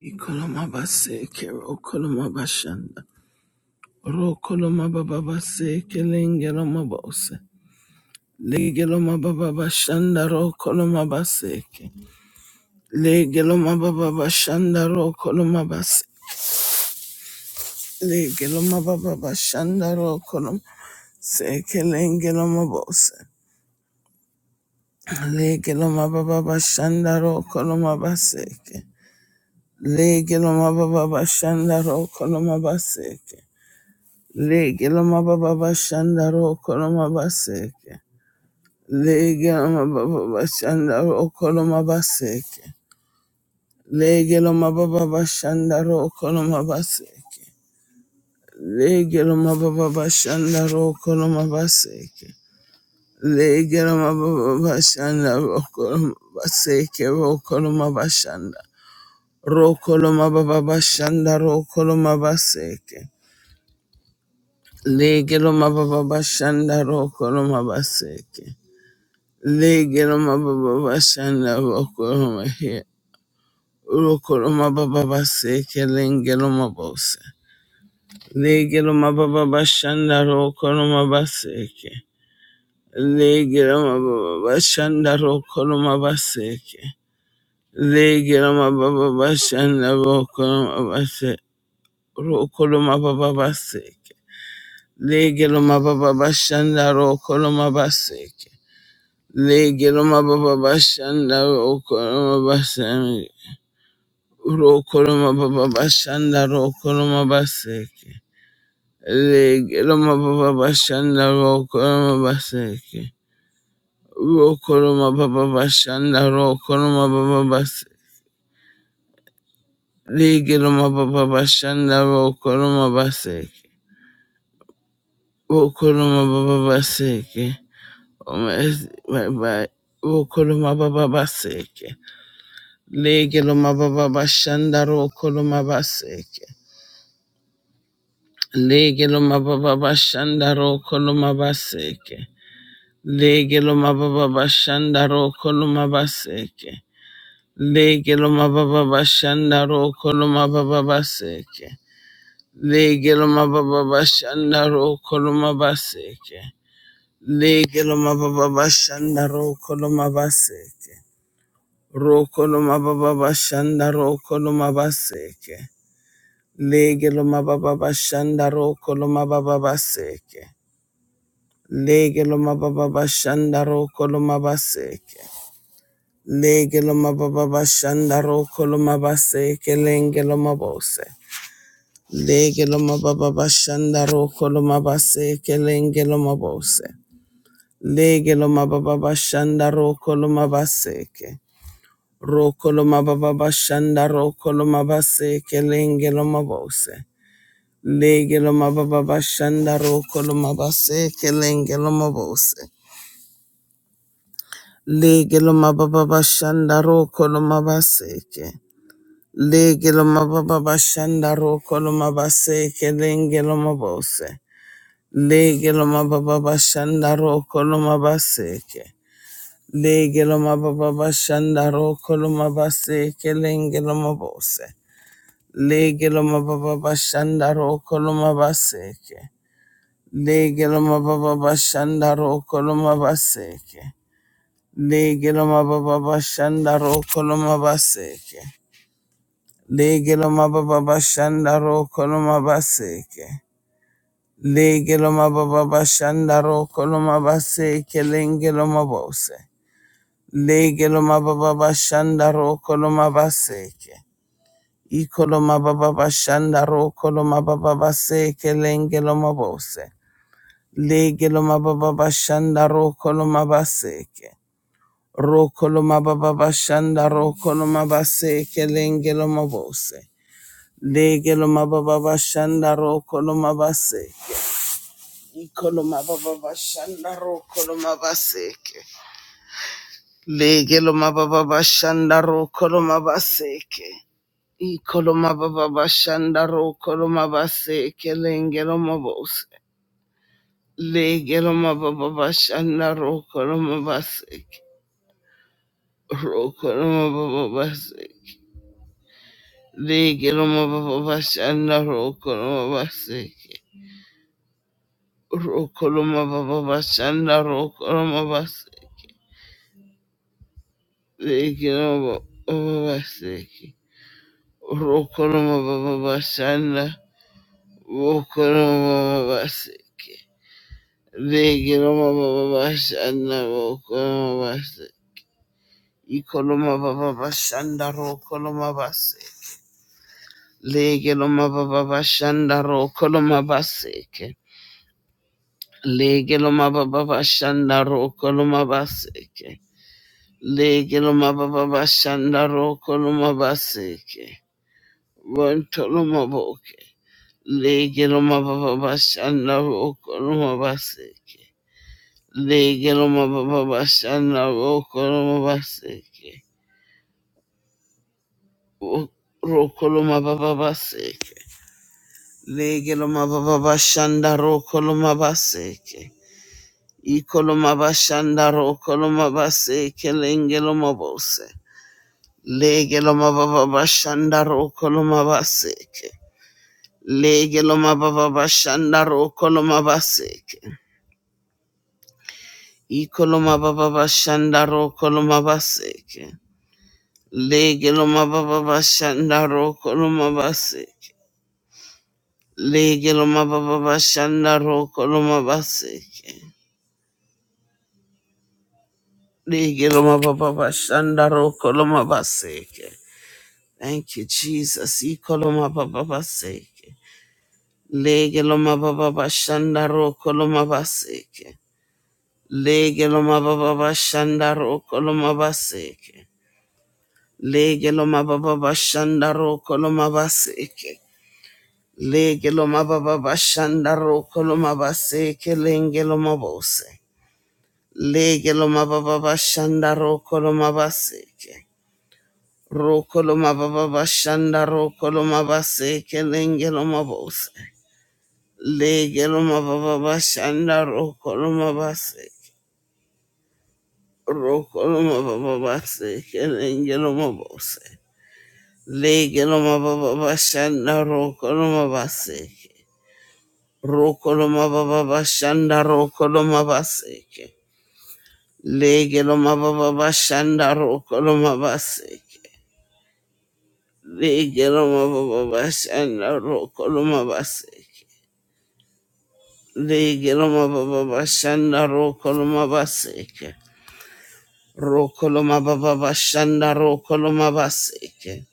Ikolomabase kero kolomabashanda. Ro kolomabababase kelengelomabose. Legelomabababashanda ro kolomabaseke. Legelomabababashanda ro kolomabase. Legelomabababashanda ro kolom. Seke lengelomabose. Legelomabababashanda ro kolomabaseke. Legelomabababashanda ro kolomabaseke. Lege loma baba bashanda roko loma baseke. Lege loma baba bashanda roko loma baseke. Lege loma baba bashanda roko loma baseke. Lege loma baba bashanda roko loma baseke. Lege loma baba bashanda roko loma baseke roko loma bashanda. Roko loma baba bashanda roko loma baseke. Lege loma baba bashanda roko loma baseke. Legiroma baba bashanda bakoroma he. Urokoroma baba baseke lengeroma bose. Legiroma baba bashanda rokoroma baseke. Legiroma baba bashanda rokoroma baseke. Legiroma baba bashanda rokoroma base. Rokoroma baba baseke. Legiroma baba bashanda rokoroma baseke. Legiroma baba bashanda rokoroma baseke. Rokoroma baba bashanda rokoroma baseke. Legeroma baba bashanda rokoroma baseke. Rokoroma baba bashanda rokoroma baba baseke. Legeroma baba bashanda rokoroma baseke. Rokoroma baba baseke. Omezi baba rokoroma baba baseke. Legeroma baba bashanda rokoroma baseke. Lege lo mababa bashanda roko lo mabaseke. Lege lo mababa bashanda roko lo mabaseke. Lege lo mababa bashanda roko lo mababa baseke. Lege lo mababa bashanda roko lo mabaseke. Lege lo mababa bashanda roko lo mabaseke. Roko lo mababa bashanda roko lo mabaseke. Lege lo mababa bashanda roko lo mababa baseke. Lege lo mababa bashanda roko lo mabaseke. Lege lo mababa bashanda roko lo mabaseke lenge lo mabose. Lege lo mababa bashanda roko lo mabaseke lenge lo mabose. Lege lo mababa bashanda roko lo mabaseke. Roko lo mababa bashanda roko lo mabaseke lenge lo mabose. Lege lo mababa bashanda roko lo mabaseke lenge lo mabose. Lege lo mababa bashanda roko lo mabaseke. Lege lo mababa bashanda roko lo mabaseke lenge lo mabose. Lege lo mababa bashanda roko lo mabaseke. Lege lo mababa bashanda roko lo mabaseke lenge lo mabose. Lege lo mababa bashanda roko lo mabaseke. Lege lo mababa bashanda roko lo mabaseke. Legelo mababa bashanda ro koloma baséke. Legelo mababa bashanda ro koloma baséke. Legelo mababa bashanda ro koloma baséke lengelo mabose. Legelo mababa bashanda ro koloma baséke. Ikolo mababa bashanda ro koloma mababa baseke lengelo mabose. Legelo mababa bashanda rokolo mabaseke. Rokoloma baba bashanda rokoloma base kelengeloma bose. Legeloma baba bashanda rokoloma base. Ikoloma baba bashanda rokoloma baseke. Legeloma baba bashanda rokoloma baseke. Ikoloma baba bashanda rokoloma baseke lengeloma bose. Legeloma baba bashanda rokoloma baseke. Rokoloma baba baseke. Legiloma baba bashanda rokoloma baseke. Rokoloma baba rokoloma baseke. Legiloma baba baseke. Rokoloma baba bashanda rokoloma baba baseke. Legiloma baba rokoloma baseke. Ikoloma baba bashanda rokoloma baseke. Legiloma baba bashanda rokoloma baseke. Legeloma baba bashanda rokoloma baseke. Legeloma baba bashanda rokoloma baseke. Wontoloma boke. Legeloma baba bashanda rokoloma baseke. Legeloma baba bashanda rokoloma baseke. Wo- Rokoloma baba baseke. Legeloma baba bashanda rokoloma baseke. Ikolomabashandaro kolomabase kelengelomabose. Legelomababashandaro kolomabaseke. Legelomababashandaro kolomabaseke. Ikolomababashandaro kolomabaseke. Legelomababashandaro kolomabaseke. Legelomababashandaro kolomabaseke. Legelomababashandaro kolomabaseke. Thank you, Jesus. Ikoloma baba baseke. Lege loma baba bashanda roko koloma baseke. Lege loma baba bashanda roko loma baseke. Lege loma baba bashanda roko loma baseke. Lege loma baba bashanda roko loma baseke. Lenge loma bose. Lege loma baba bashanda roko loma baseke. Roko loma baba bashanda roko loma baseke. Lenge loma bose. Legeloma baba bashanda rokoloma base. Rokoloma baba base. Kelengeloma bose. Legeloma baba bashanda rokoloma base. Rokoloma baba bashanda rokoloma base. Legeloma baba bashanda rokoloma base. Legeloma baba bashanda rokoloma base. Legeloma baba bashanda rokoloma base. Rokoloma baba bashanda rokoloma baseke.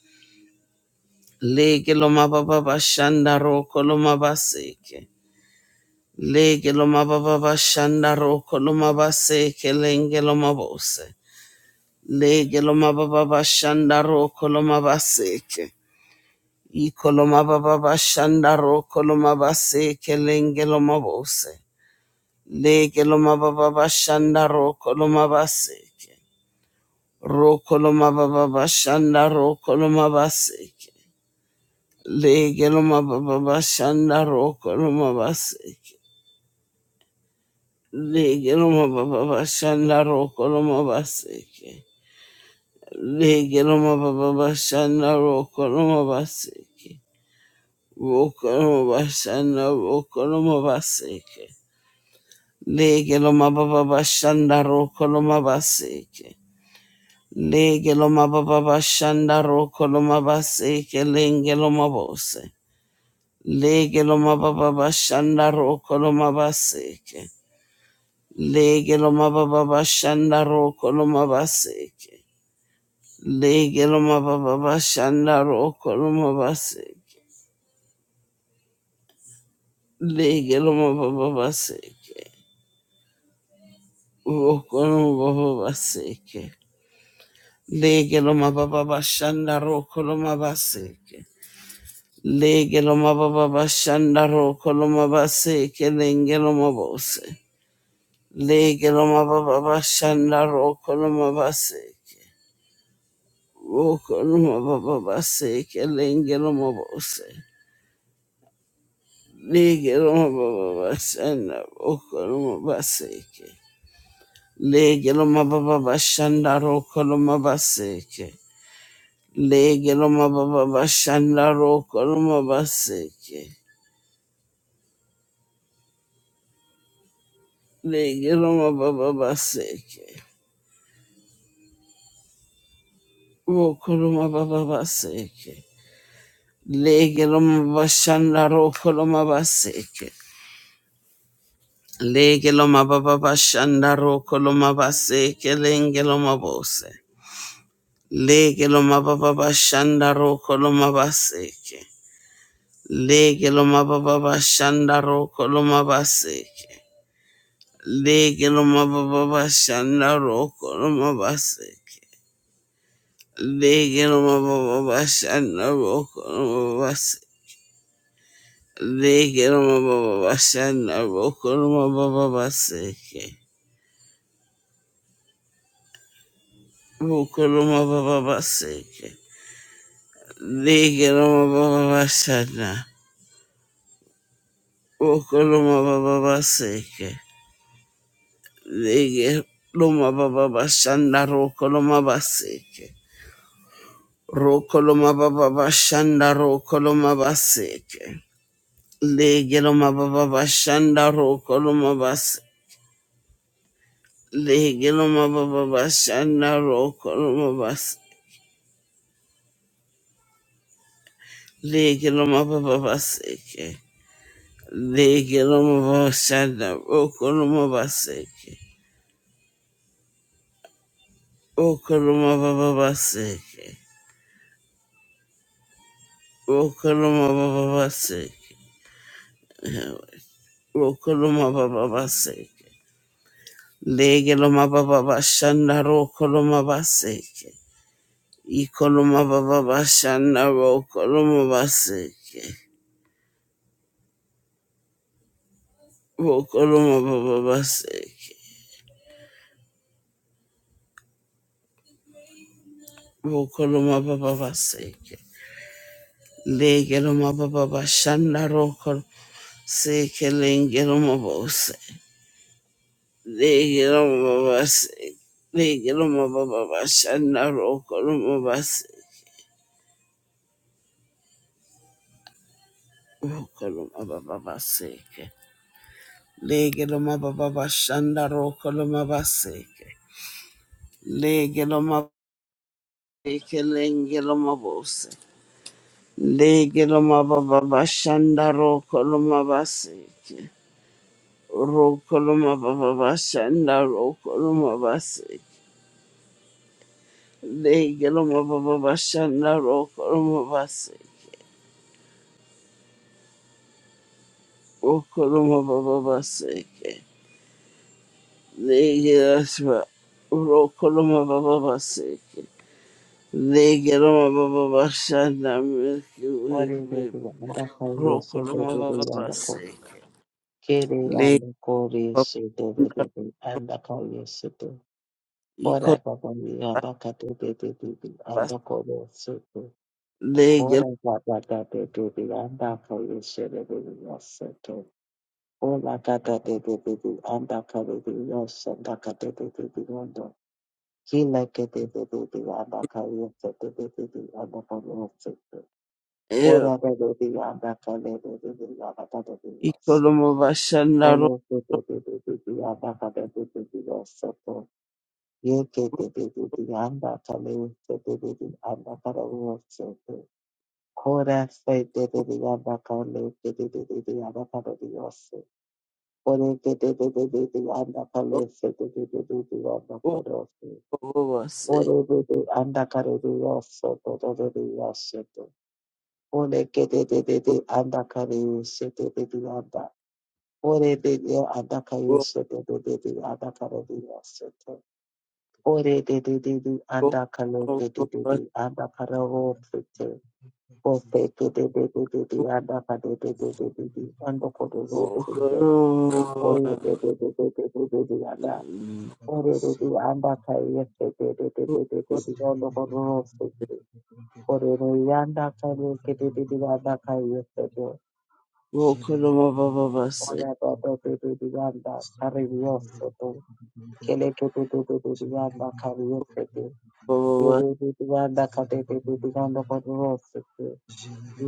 Lege loma baba bashanda rokoloma baseke. Lege loma baba bashanda rokoloma baseke lenge loma bose. Lege loma baba bashanda rokoloma baseke. Ikoloma baba bashanda rokoloma baseke lenge loma bose. Lege loma baba bashanda rokoloma baseke. Rokoloma baba bashanda rokoloma baseke. Legeloma baba bashanda rokoloma baseke. Legeloma baba bashanda rokoloma baseke. Legeloma baba bashanda rokoloma baseke. Rokoloma bashanda rokoloma baseke. Legeloma baba bashanda rokoloma baseke. Legeloma baba bashanda rokoloma baseke. Lengeloma bose. Lege lo mababa bashanda roko lo mabaseke. Lege lo mababa bashanda roko lo mabaseke. Lege lo mababa bashanda roko lo mabaseke. Lege lo mababa baseke. Roko lo mababa baseke. Lege lo mababa bashanda roko lo mabaseke. Lege lo mababa bashanda roko lo mabaseke. Lenge lo mabose. Lege loma baba bashanda roko loma baseke. Roko loma baba baseke lenge loma bose. Lege loma baba bashanda roko loma baseke. Lege loma baba bashanda roko loma baseke. Lege loma baba bashanda roko loma baseke. Lege loma baba baseke. Roko loma baba baseke. Lege loma bashanda roko loma baseke. Lege loma baba bashanda roko loma baseke lenge loma bose. Lege loma baba bashanda roko loma baseke. Lege loma baba bashanda roko loma baseke. Lege loma baba bashanda roko loma baseke. Lege loma baba bashanda roko loma baseke. Lege loma baba bashanda roko loma baba baseke. Roko loma baba baseke. Ligirama Baba Shana, Rokoloma Baba Seke, Ligirama Baba Shanda, roko Rokoloma Baseke, Rokoloma Baba Shanda, roko Rokoloma Baseke, Ligirama Baba Shanda, roko Rokoloma Bas, Ligirama Baba Shanda, roko Rokoloma Bas, Ligirama Baba Seke, Ligirama Baba Shanda, roko Rokoloma Baseke. Okoloma baba baseke. Okoloma baba baseke. Okoloma baba baseke. Legeloma baba bashanda rokoloma baseke. Ikoloma baba bashanda rokoloma baseke. Okoloma baba baseke. Okoloma baba baseke. Legeloma baba bashanda rokoloma seke lengeloma bose. Legilomabasi, legilomabababashana rokolomabasi, rokolomabababaseke. Legilomabababashana rokolomabaseke. Legilomabeke lengilomabose. Legilomabababashana rokolomabaseke. Rokolomabababashana rokolomabaseke. Legilomabababashana rokolomabaseke. Okoloma baba baseke. Legeraswa. Rokoloma baba baseke. Legeroma baba bashana milki Ore wifi. bebe anda kaya sede Rokoloma bebe baba anda ko baseke. kere anda Legeroma kore sede bebe the kaya sede ora ikoloma baba mi anda kate bebe bebe bas. anda kore the ora Legeroma baba kate bebe anda kaya sede bebe sede ora kate bebe bebe anda kaya bebe sede kate bebe bebe anda kila kate bebe bebe anda kaya sede bebe bebe anda kore sede Ora da da di anda ka le de de de la ba da da di yo so. ikoloma bashana ro. Olo de de de de de di anda ka de de di yo so to. Ye ke de de de di anda ka le de de de di anda ka de yo so to. Kora se de de di anda ka le de de de di anda ka de yo so. Ore de de de de de di anda ka se de de de de di anda ka de yo so. Okoloma baseke. Ore de de anda ka de yo so to de de de yo so to. Ole kete de de de anda kare yese de de de anda. Ore de de anda kare yese de de de de anda kare de yese te. Ore de de de de anda kare de de de Rokoloma de anda kare ro te te. Ofe de de de de de de anda kare de de Thank de de de anda kare ro te te. Oye Rokoloma de de de de de de de de anda. Ore de de anda kare yese de de de de de de de anda kare ro te te. Ore de anda kare de de de de anda kare yese te. Rokoloma baba baseke. Ora ba ba ba ba ba yanda karibioso to kele to to to to to yanda karibioso to yo yo to to yanda kate to to to yanda karibioso to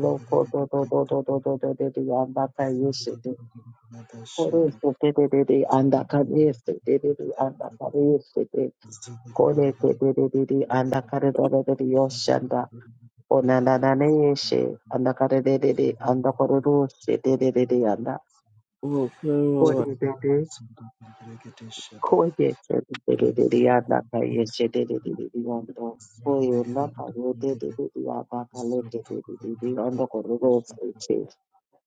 loko to to to to to to to to to yanda karibioso to kore to to to to to yanda karibioso to to to yanda karibioso to kore to to to to to yanda karibioso to Zulu yoshanda ona na na ne yeshe anda karibioso to anda karibioso to to to to yanda kore Rokoloma te te Koye chedededede yadaka yechedededede yando. Koye na naka yedededede yadaka lekedededede yando kororo seche.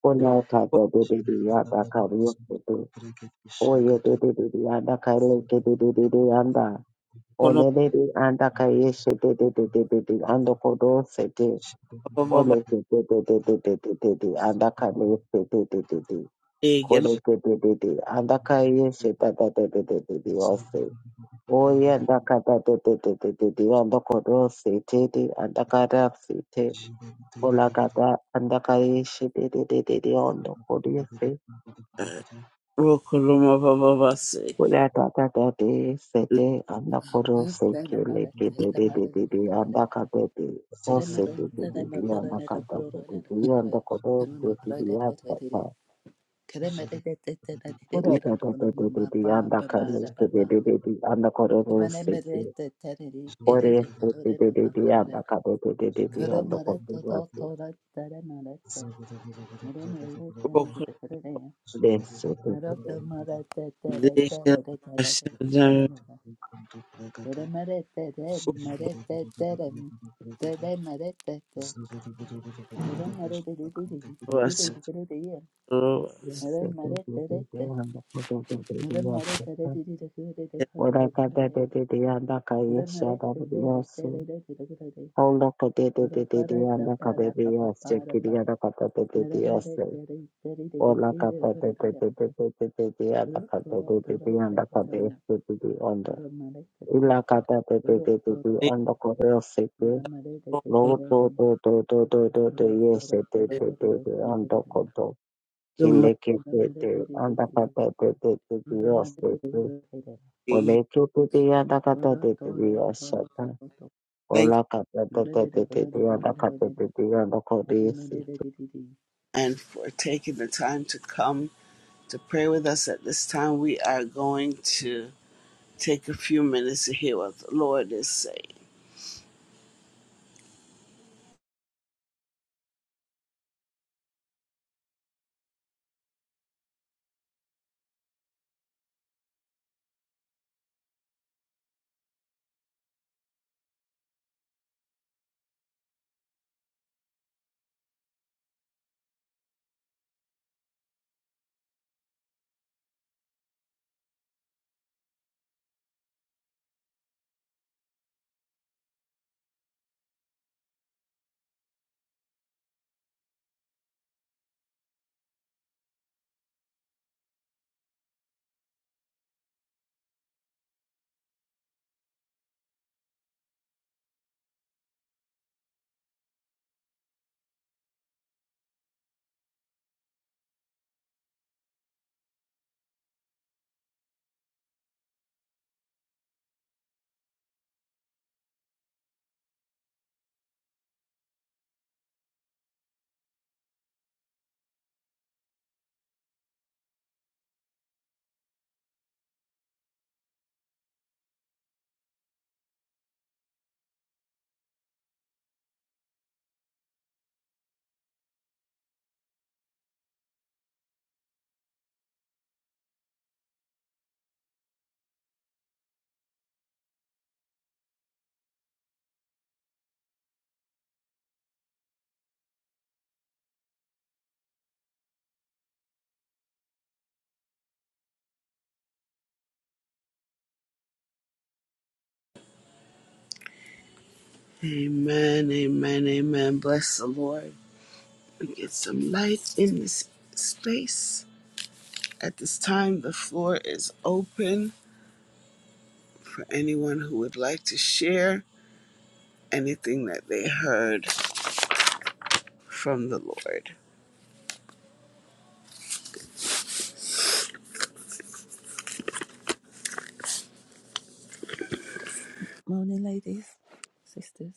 Konaka dededede yadaka ryokote. Koye dededede yadaka lekedededede yanda. Onedede andaka yechededededede yando kororo sete. Baba Olekedededededede andaka lekedededede. Egel Kolekededede andaka yechededededede yose. Oya kata de de de de de de andokoro sete de te sete Zebra olakada andakaye shete de de de de andokoro se Rokoloma Baba Say olakada de de sete andokoro seke te de de de de de kata de o sete de de de andakada de de de andokoro sete de asata olakada de de de de andakara de de de de andokoro sete Ore sete de de de anda Keremere kade de de de de anda kote yase. Rokoloma De sete de de Shadar Thank So that's what we're doing was today. you. de sete de de de anda kote de de de yase. Ora kade de de de anda kaye shada de yase. Onda kade de de de de anda kade de yase. Kiri anda kade de de de yase. Ola kade de de de de de de de de anda kade de de de anda kade sete de onda. Ila kade de de de de de anda kote yase. Lo do do do do do do do Morning, yes de de de de ando kodo Good morning. kileke de de anda kata de de de de yes de de ole kuku de anda kata de de de yes shata Thank you ola kata de de de de de anda kata de de anda kodo yes and for taking the time to come to pray with us at this time. We are going to take a few minutes to hear what the Lord is saying. Amen, amen, amen. Bless the Lord. We get some light in this space. At this time, the floor is open for anyone who would like to share anything that they heard from the Lord. ladies, sisters.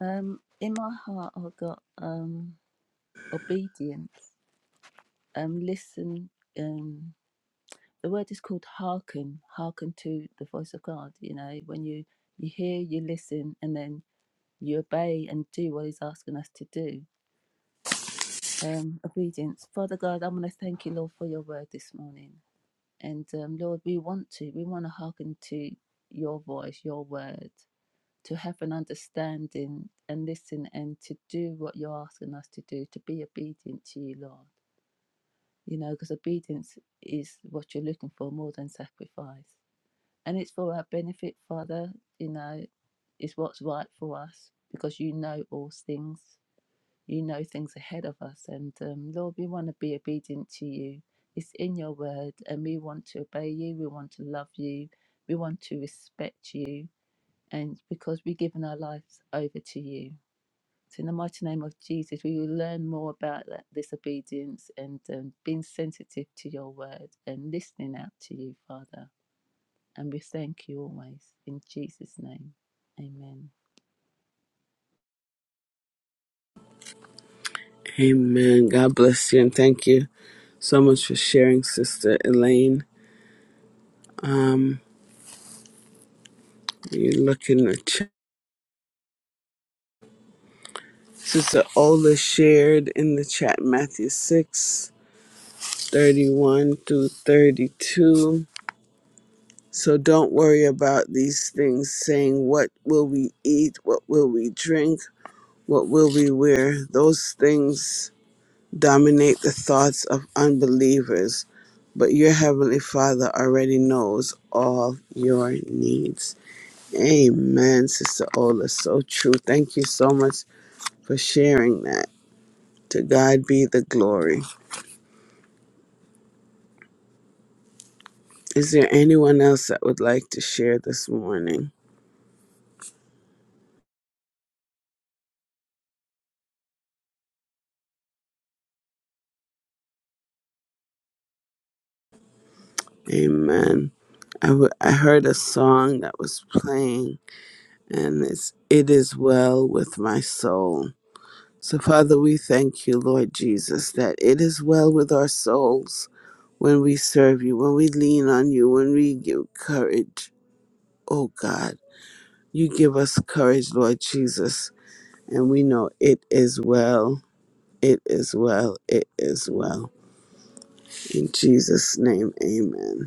Um, in my heart, I've got um obedience. Um, listen. Um, the word is called hearken. Hearken to the voice of God. You know, when you you hear, you listen, and then you obey and do what He's asking us to do. um, obedience. Father God, I'm going to thank you, Lord, for your word this morning. And um, Lord, we want to, we want to hearken to your voice, your word, to have an understanding and listen and to do what you're asking us to do, to be obedient to you, Lord. You know, because obedience is what you're looking for more than sacrifice. And it's for our benefit, Father, you know, it's what's right for us because you know all things you know things ahead of us. And um, Lord, we want to be obedient to you. It's in your word, and we want to obey you. We want to love you. We want to respect you. And because we've given our lives over to you. So in the mighty name of Jesus, we will learn more about that, this obedience and um, being sensitive to your word and listening out to you, Father. And we thank you always. In Jesus' name, amen. Amen. God bless you and thank you so much for sharing, Sister Elaine. Um, you look in the chat. Sister Ola shared in the chat Matthew 6 31 through 32. So don't worry about these things saying, What will we eat? What will we drink? What will we wear? Those things dominate the thoughts of unbelievers. But your Heavenly Father already knows all your needs. Amen, Sister Ola. So true. Thank you so much for sharing that. To God be the glory. Is there anyone else that would like to share this morning? Amen. I, w- I heard a song that was playing, and it's It Is Well With My Soul. So, Father, we thank you, Lord Jesus, that it is well with our souls when we serve you, when we lean on you, when we give courage. Oh, God, you give us courage, Lord Jesus, and we know it is well. It is well. It is well. In Jesus' name, amen.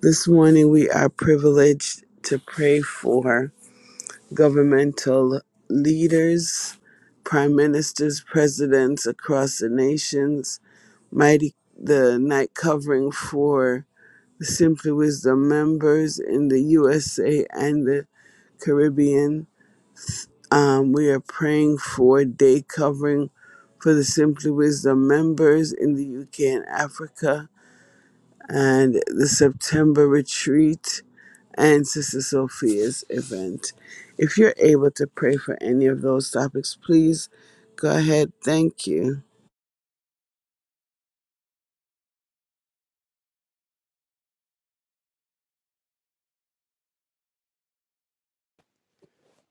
This morning, we are privileged to pray for governmental leaders, prime ministers, presidents across the nations, mighty the night covering for the Simply Wisdom members in the USA and the Caribbean. Um, we are praying for day covering for the Simply Wisdom members in the UK and Africa and the September retreat and Sister Sophia's event. If you're able to pray for any of those topics, please go ahead. Thank you.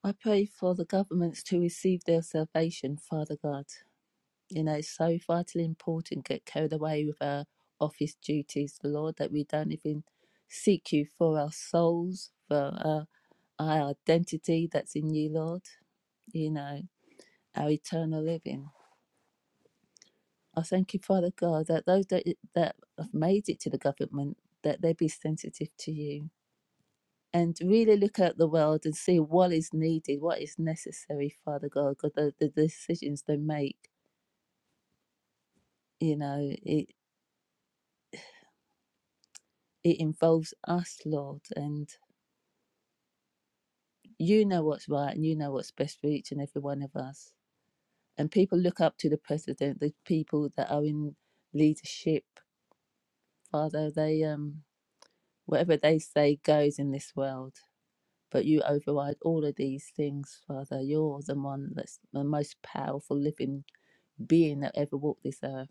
I pray for the governments to receive their salvation, Father God. You know, it's so vitally important get carried away with our office duties, Lord, that we don't even seek you for our souls, for our, our identity that's in you, Lord, you know, our eternal living. I thank you, Father God, that those that, that have made it to the government, that they be sensitive to you and really look at the world and see what is needed, what is necessary, Father God, because the, the decisions they make, you know, it. it involves us, Lord, and you know what's right and you know what's best for each and every one of us. And people look up to the president, the people that are in leadership, Father, they um whatever they say goes in this world. But you override all of these things, Father. You're the one that's the most powerful living being that ever walked this earth.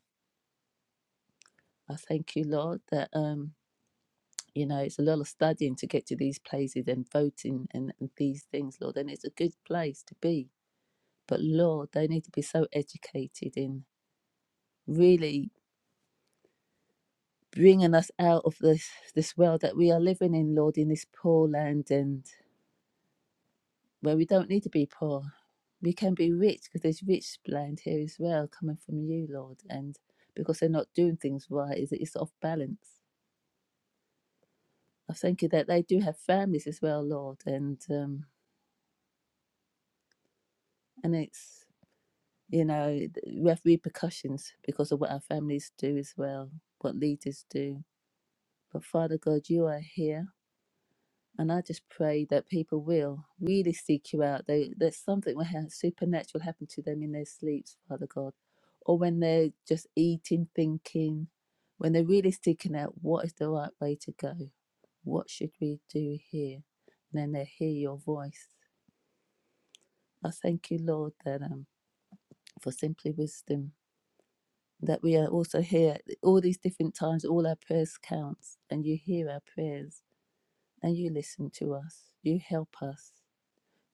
I thank you, Lord, that um, you know, it's a lot of studying to get to these places and voting and, and these things, Lord, and it's a good place to be But Lord, they need to be so educated in really bringing us out of this this world that we are living in, Lord, in this poor land and where we don't need to be poor. We can be rich because there's rich land here as well coming from you, Lord. And because they're not doing things right, is it's off balance. I thank you that they do have families as well, Lord, and um, and it's you know we have repercussions because of what our families do as well, what leaders do. But Father God, you are here And I just pray that people will really seek you out. They, there's something will ha- supernatural happen to them in their sleeps, Father God, or when they're just eating, thinking, when they're really seeking out what is the right way to go, what should we do here? And then they hear your voice. I thank you, Lord, that um, for simply wisdom, that we are also here all these different times. All our prayers counts, and you hear our prayers, and you listen to us. You help us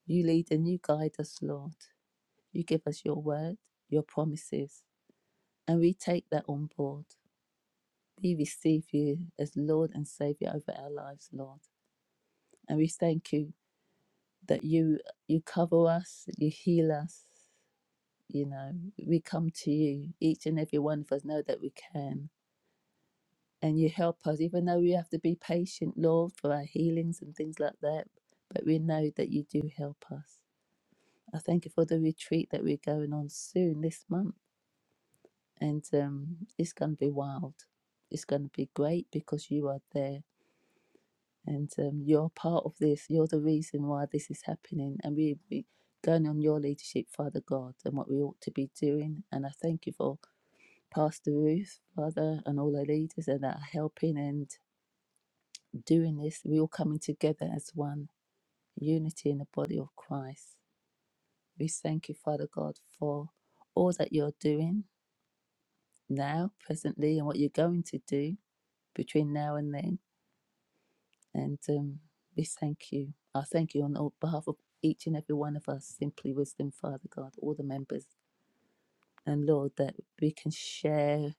You lead and you guide us, Lord. You give us your word, your promises, and we take that on board. We receive you as Lord and Savior over our lives, Lord. And we thank you that you you cover us, you heal us, you know. We come to you. Each and every one of us know that we can. And you help us, even though we have to be patient, Lord, for our healings and things like that. But we know that you do help us. I thank you for the retreat that we're going on soon this month. and um, it's going to be wild. It's going to be great because you are there and um, you're part of this. You're the reason why this is happening, and we we going on your leadership, Father God, and what we ought to be doing. And I thank you for Pastor Ruth, Father, and all our leaders that are helping and doing this. We're all coming together as one unity in the body of Christ. We thank you, Father God, for all that you're doing now, presently, and what you're going to do between now and then. And um, we thank you. I thank you on all- behalf of each and every one of us, Simply Wisdom, Father God, all the members. And Lord, that we can share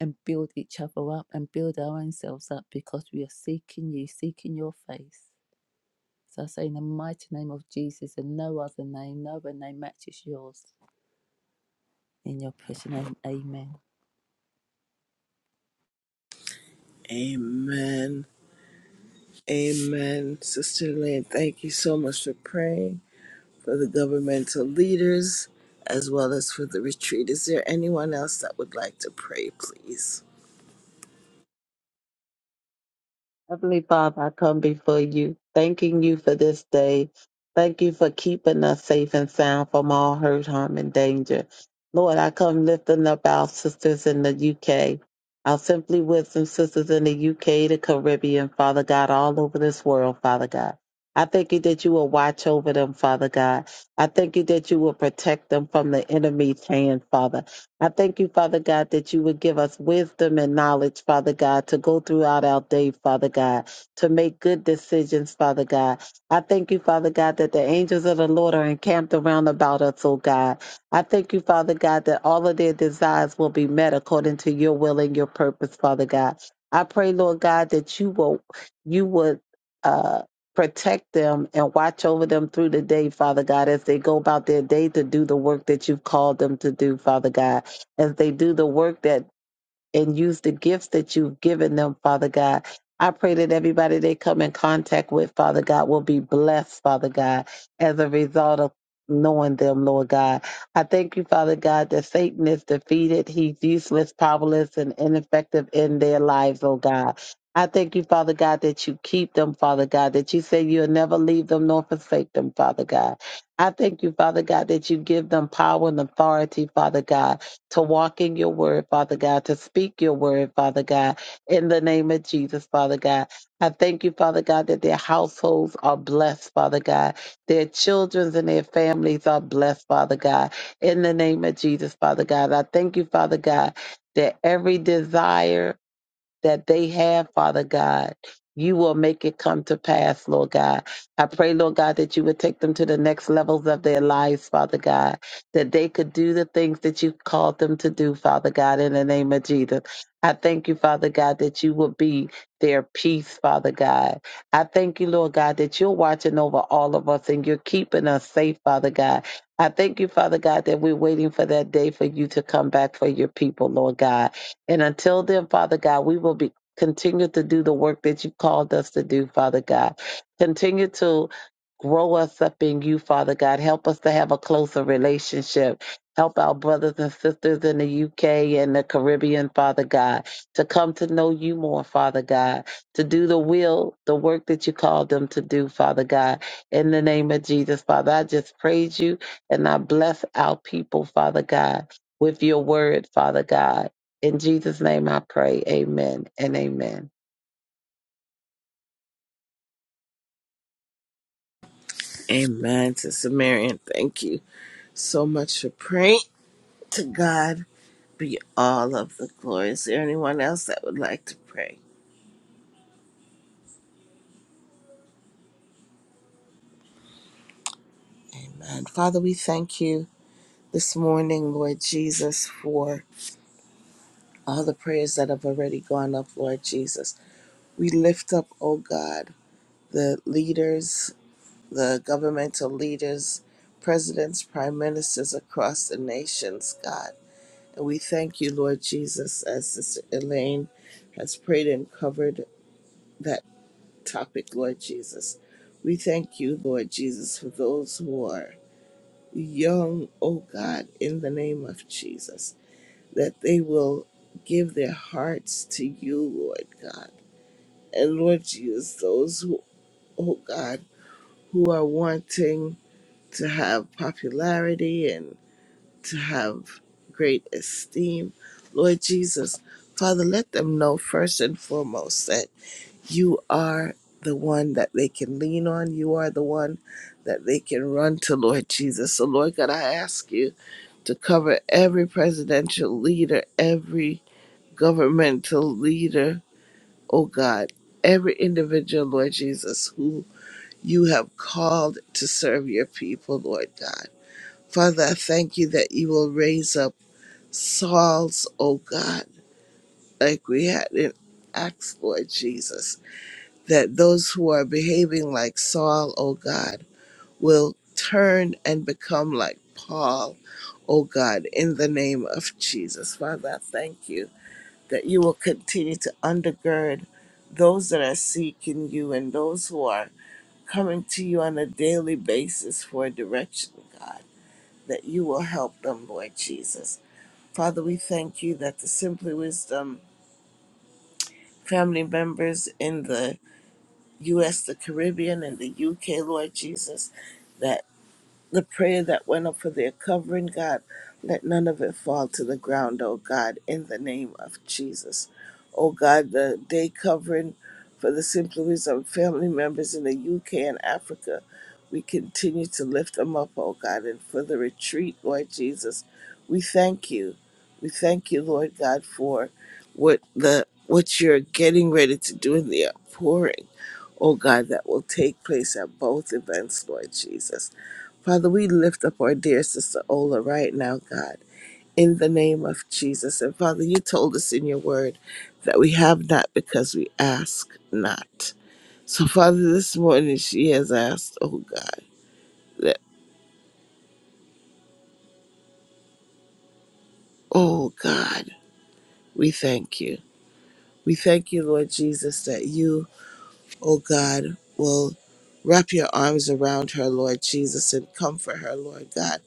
and build each other up and build our own selves up because we are seeking you, seeking your face. So I say in the mighty name of Jesus and no other name, no other name matches yours. In your precious name, amen. Amen. Amen. Sister Lynn, thank you so much for praying for the governmental leaders as well as for the retreat. Is there anyone else that would like to pray, please? Heavenly Father, I come before you, thanking you for this day. Thank you for keeping us safe and sound from all hurt, harm, and danger. Lord, I come lifting up our sisters in the UK, our Simply Wisdom sisters in the UK, the Caribbean, Father God, all over this world, Father God. I thank you that you will watch over them, Father God. I thank you that you will protect them from the enemy's hand, Father. I thank you, Father God, that you would give us wisdom and knowledge, Father God, to go throughout our day, Father God, to make good decisions, Father God. I thank you, Father God, that the angels of the Lord are encamped around about us, oh God. I thank you, Father God, that all of their desires will be met according to your will and your purpose, Father God. I pray, Lord God, that you will you would uh protect them and watch over them through the day, Father God, as they go about their day to do the work that you've called them to do, Father God as they do the work that and use the gifts that you've given them, Father God. I pray that everybody they come in contact with, Father God, will be blessed, Father God, as a result of knowing them, Lord God. I thank you, Father God, that Satan is defeated. He's useless, powerless, and ineffective in their lives, oh God. I thank you, Father God, that you keep them, Father God, that you say you'll never leave them nor forsake them, Father God. I thank you, Father God, that you give them power and authority, Father God to walk in your word, Father God, to speak your word, Father God, in the name of Jesus, Father God. I thank you, Father God, that their households are blessed, Father God. Their children and their families are blessed, Father God, in the name of Jesus, Father God. I thank you, Father God, that every desire, that they have, Father God. You will make it come to pass, Lord God. I pray, Lord God, that you would take them to the next levels of their lives, Father God, that they could do the things that you called them to do, Father God, in the name of Jesus. I thank you, Father God, that you will be their peace, Father God. I thank you, Lord God, that you're watching over all of us and you're keeping us safe, Father God. I thank you, Father God, that we're waiting for that day for you to come back for your people, Lord God. And until then, Father God, we will be continue to do the work that you called us to do, Father God. Continue to grow us up in you, Father God. Help us to have a closer relationship. Help our brothers and sisters in the UK and the Caribbean, Father God, to come to know you more, Father God, to do the will, the work that you called them to do, Father God. In the name of Jesus, Father, I just praise you and I bless our people, Father God, with your word, Father God. In Jesus' name I pray. Amen and amen. Amen. Sister Marion, thank you so much for praying. To God be all of the glory. Is there anyone else that would like to pray? And Father, we thank you this morning, Lord Jesus, for all the prayers that have already gone up, Lord Jesus. We lift up, oh God, the leaders, the governmental leaders, presidents, prime ministers across the nations, God. And we thank you, Lord Jesus, as Sister Elaine has prayed and covered that topic, Lord Jesus. We thank you, Lord Jesus, for those who are young, oh God, in the name of Jesus that they will give their hearts to you, Lord God. And Lord Jesus, those who, oh God, who are wanting to have popularity and to have great esteem, Lord Jesus, Father, let them know first and foremost that you are the one that they can lean on. You are the one that they can run to, Lord Jesus. So, Lord God, I ask you to cover every presidential leader, every governmental leader, oh God, every individual, Lord Jesus, who you have called to serve your people, Lord God. Father, I thank you that you will raise up Sauls, oh God, like we had in Acts, Lord Jesus, that those who are behaving like Saul, oh God, will turn and become like Paul, oh God, in the name of Jesus. Father, I thank you that you will continue to undergird those that are seeking you and those who are coming to you on a daily basis for direction, God, that you will help them, Lord Jesus. Father, we thank you that the Simply Wisdom family members in the U.S., the Caribbean, and the U.K., Lord Jesus, that. the prayer that went up for their covering, God. Let none of it fall to the ground, oh God, in the name of Jesus. Oh God, the day covering for the Simply Wisdom family members in the UK and Africa, we continue to lift them up, oh God, and for the retreat, Lord Jesus, we thank you. We thank you, Lord God, for what the what you're getting ready to do in the outpouring, oh God, that will take place at both events, Lord Jesus. Father, we lift up our dear sister Ola right now, God, in the name of Jesus. And Father, you told us in your word that we have not because we ask not. So, Father, this morning she has asked, oh God, that, oh God, we thank you. We thank you, Lord Jesus, that you, oh God, will wrap your arms around her, Lord Jesus, and comfort her, Lord God.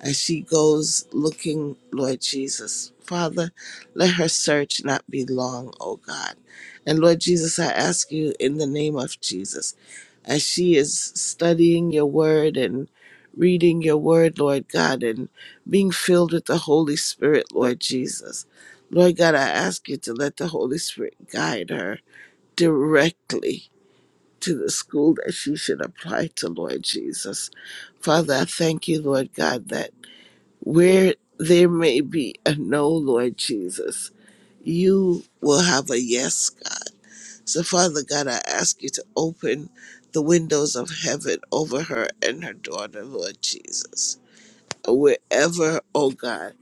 as she goes looking, Lord Jesus. Father, let her search not be long, O God. And Lord Jesus, I ask you in the name of Jesus, as she is studying your word and reading your word, Lord God, and being filled with the Holy Spirit, Lord Jesus. Lord God, I ask you to let the Holy Spirit guide her directly to the school that she should apply to, Lord Jesus. Father, I thank you, Lord God, that where there may be a no, Lord Jesus, you will have a yes, God. So, Father God, I ask you to open the windows of heaven over her and her daughter, Lord Jesus. Wherever, oh God,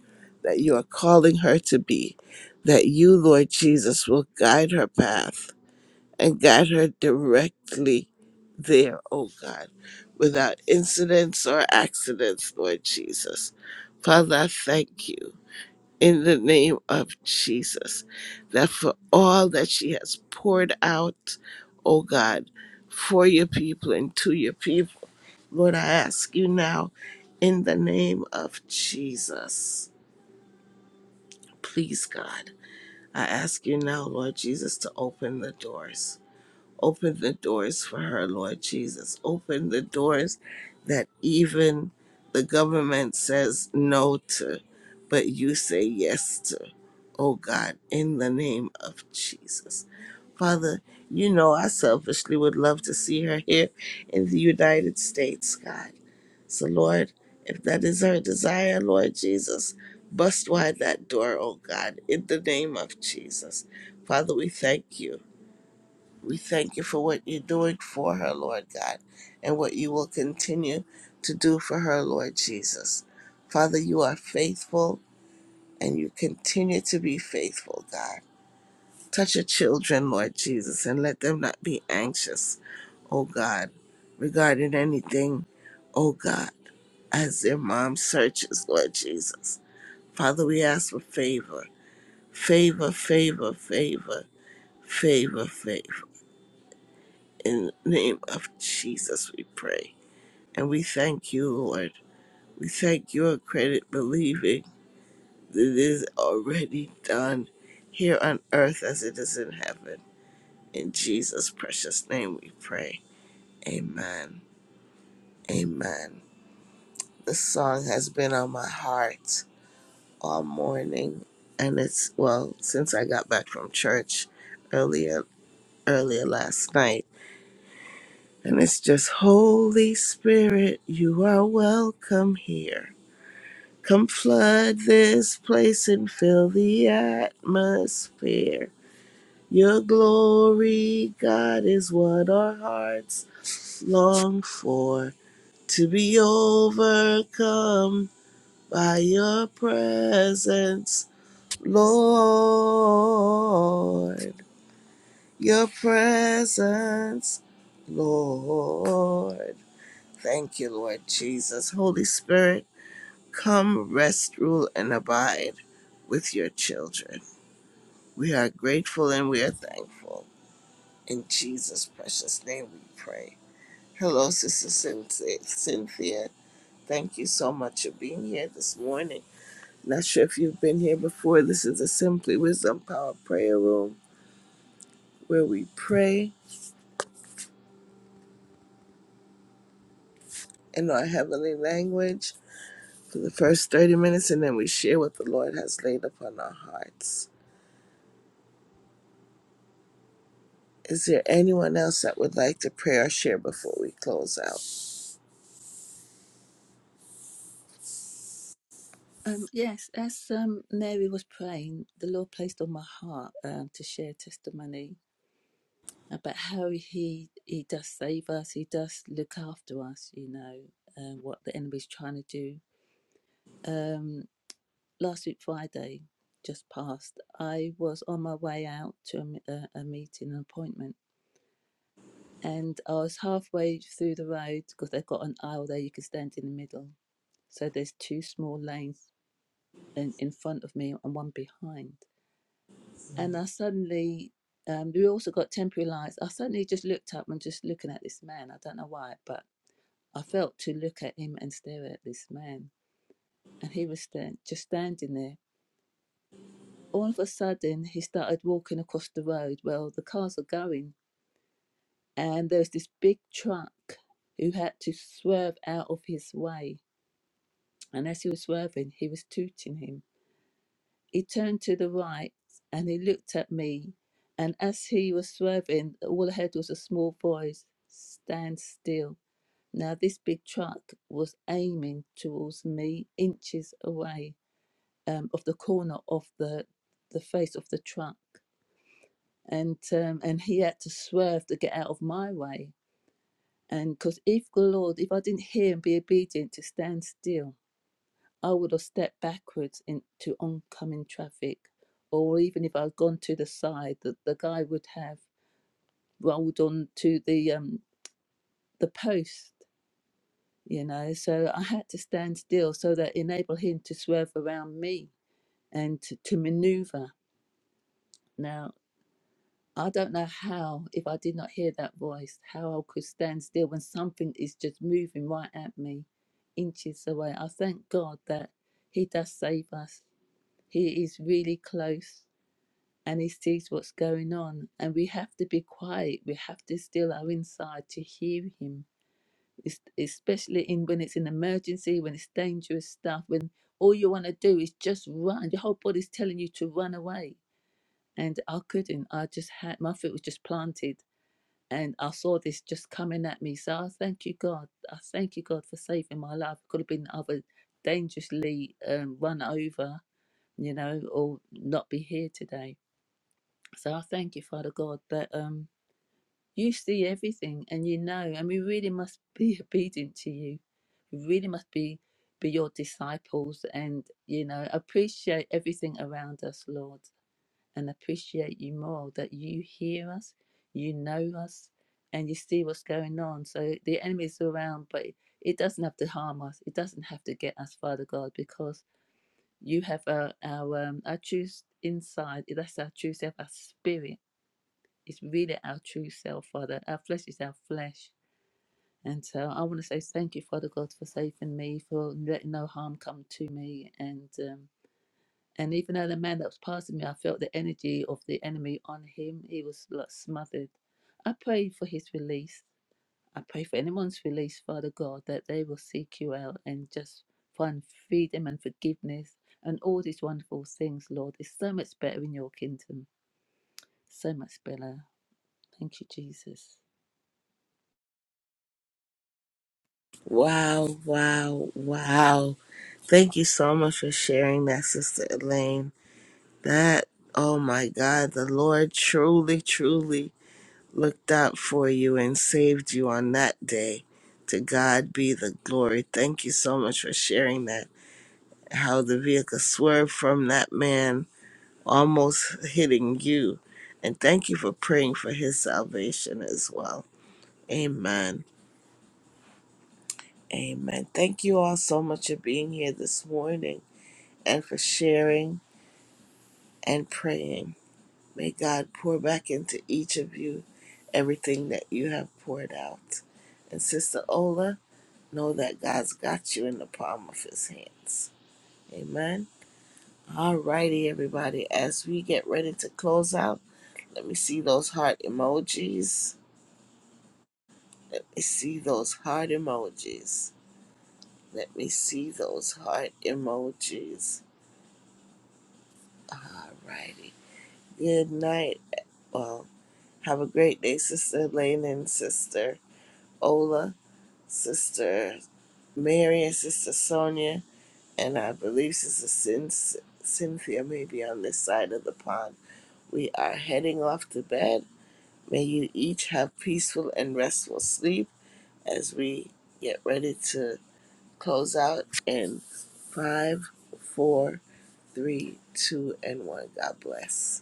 that you are calling her to be, that you, Lord Jesus, will guide her path and guide her directly there, oh God, without incidents or accidents, Lord Jesus. Father, I thank you in the name of Jesus. That for all that she has poured out, oh God, for your people and to your people, Lord, I ask you now in the name of Jesus. Please, God, I ask you now, Lord Jesus, to open the doors. Open the doors for her, Lord Jesus. Open the doors that even the government says no to, but you say yes to. Oh God, in the name of Jesus. Father, you know I selfishly would love to see her here in the United States, God. So, Lord, if that is her desire, Lord Jesus, bust wide that door, oh God, in the name of Jesus. Father, we thank you. We thank you for what you're doing for her, Lord God, and what you will continue to do for her, Lord Jesus. Father, you are faithful and you continue to be faithful, God. Touch your children, Lord Jesus, and let them not be anxious, oh God, regarding anything, oh God, as their mom searches, Lord Jesus. Father, we ask for favor, favor, favor, favor, favor, favor. In the name of Jesus, we pray. And we thank you, Lord. We thank you and credit believing that it is already done here on earth as it is in heaven. In Jesus' precious name we pray. Amen. Amen. This song has been on my heart all morning. And it's, well, since I got back from church earlier, earlier last night. And it's just, Holy Spirit, you are welcome here. Come flood this place and fill the atmosphere. Your glory, God, is what our hearts long for. To be overcome by your presence, Lord. Your presence, Lord. Thank you, Lord Jesus. Holy Spirit. Come, rest, rule, and abide with your children. We are grateful and we are thankful. In Jesus' precious name we pray. Hello, Sister Cynthia. Cynthia. Thank you so much for being here this morning. Not sure if you've been here before. This is the Simply Wisdom Power Prayer Room where we pray in our heavenly language for the first 30 minutes and then we share what the Lord has laid upon our hearts. Is there anyone else that would like to pray or share before we close out? Um, yes, as um, Mary was praying, the Lord placed on my heart um, to share testimony Uh, but how he he does save us, he does look after us, you know, uh, what the enemy's trying to do. Um, last week Friday, just past, I was on my way out to a, m- a- a meeting, an appointment, and I was halfway through the road because they've got an aisle there you can stand in the middle. So there's two small lanes in, in front of me and one behind, and I suddenly. Um, we also got temporary lights. I suddenly just looked up and just looking at this man. I don't know why, but I felt to look at him and stare at this man. And he was stand, just standing there. All of a sudden, he started walking across the road. Well, the cars are going. And there's this big truck who had to swerve out of his way. And as he was swerving, he was tooting him. He turned to the right and he looked at me. And as he was swerving, all ahead was a small voice stand still. Now, this big truck was aiming towards me inches away um, of the corner of the the face of the truck, and um, and he had to swerve to get out of my way. And because if the Lord, if I didn't hear and be obedient to stand still, I would have stepped backwards into oncoming traffic, or even if I'd gone to the side, that the guy would have rolled on to the um, the post. You know, so I had to stand still so that enable him to swerve around me and to, to maneuver. Now I don't know how, if I did not hear that voice, how I could stand still when something is just moving right at me, inches away. I thank God that He does save us. He is really close and He sees what's going on. And we have to be quiet. We have to still our inside to hear Him, es- especially in when it's an emergency, when it's dangerous stuff, when all you want to do is just run. Your whole body's telling you to run away. And I couldn't. I just had my foot was just planted and I saw this just coming at me. So I thank you, God. I thank you, God, for saving my life. Could have been other dangerously um, run over, you know, or not be here today. So I thank you, Father God, that um, you see everything and you know, and we really must be obedient to you. We really must be be your disciples and you know appreciate everything around us, Lord and appreciate you more that you hear us, you know us, and you see what's going on. So the enemy is around, but it doesn't have to harm us. It doesn't have to get us, Father God, because you have our our, um, our true inside. That's our true self, our spirit. It's really our true self, Father. Our flesh is our flesh. And so I want to say thank you, Father God, for saving me, for letting no harm come to me. And um, and even though the man that was passing me, I felt the energy of the enemy on him. He was like smothered. I pray for his release. I pray for anyone's release, Father God, that they will seek you out and just find freedom and forgiveness and all these wonderful things, Lord. It's so much better in your kingdom. So much better. Thank you, Jesus. Wow, wow, wow. Thank you so much for sharing that, Sister Elaine. That, oh my God, the Lord truly, truly looked out for you and saved you on that day. To God be the glory. Thank you so much for sharing that. How the vehicle swerved from that man almost hitting you. And thank you for praying for his salvation as well. Amen. Amen. Thank you all so much for being here this morning and for sharing and praying. May God pour back into each of you everything that you have poured out. And Sister Ola, know that God's got you in the palm of his hands. Amen. All righty, everybody. As we get ready to close out, let me see those heart emojis. Let me see those heart emojis. Let me see those heart emojis. All righty. Good night. Well, have a great day, Sister Lane and Sister Ola, Sister Mary and Sister Sonia, and I believe Sister Cyn- Cynthia may be on this side of the pond. We are heading off to bed. May you each have peaceful and restful sleep as we get ready to close out in five, four, three, two, and one. God bless.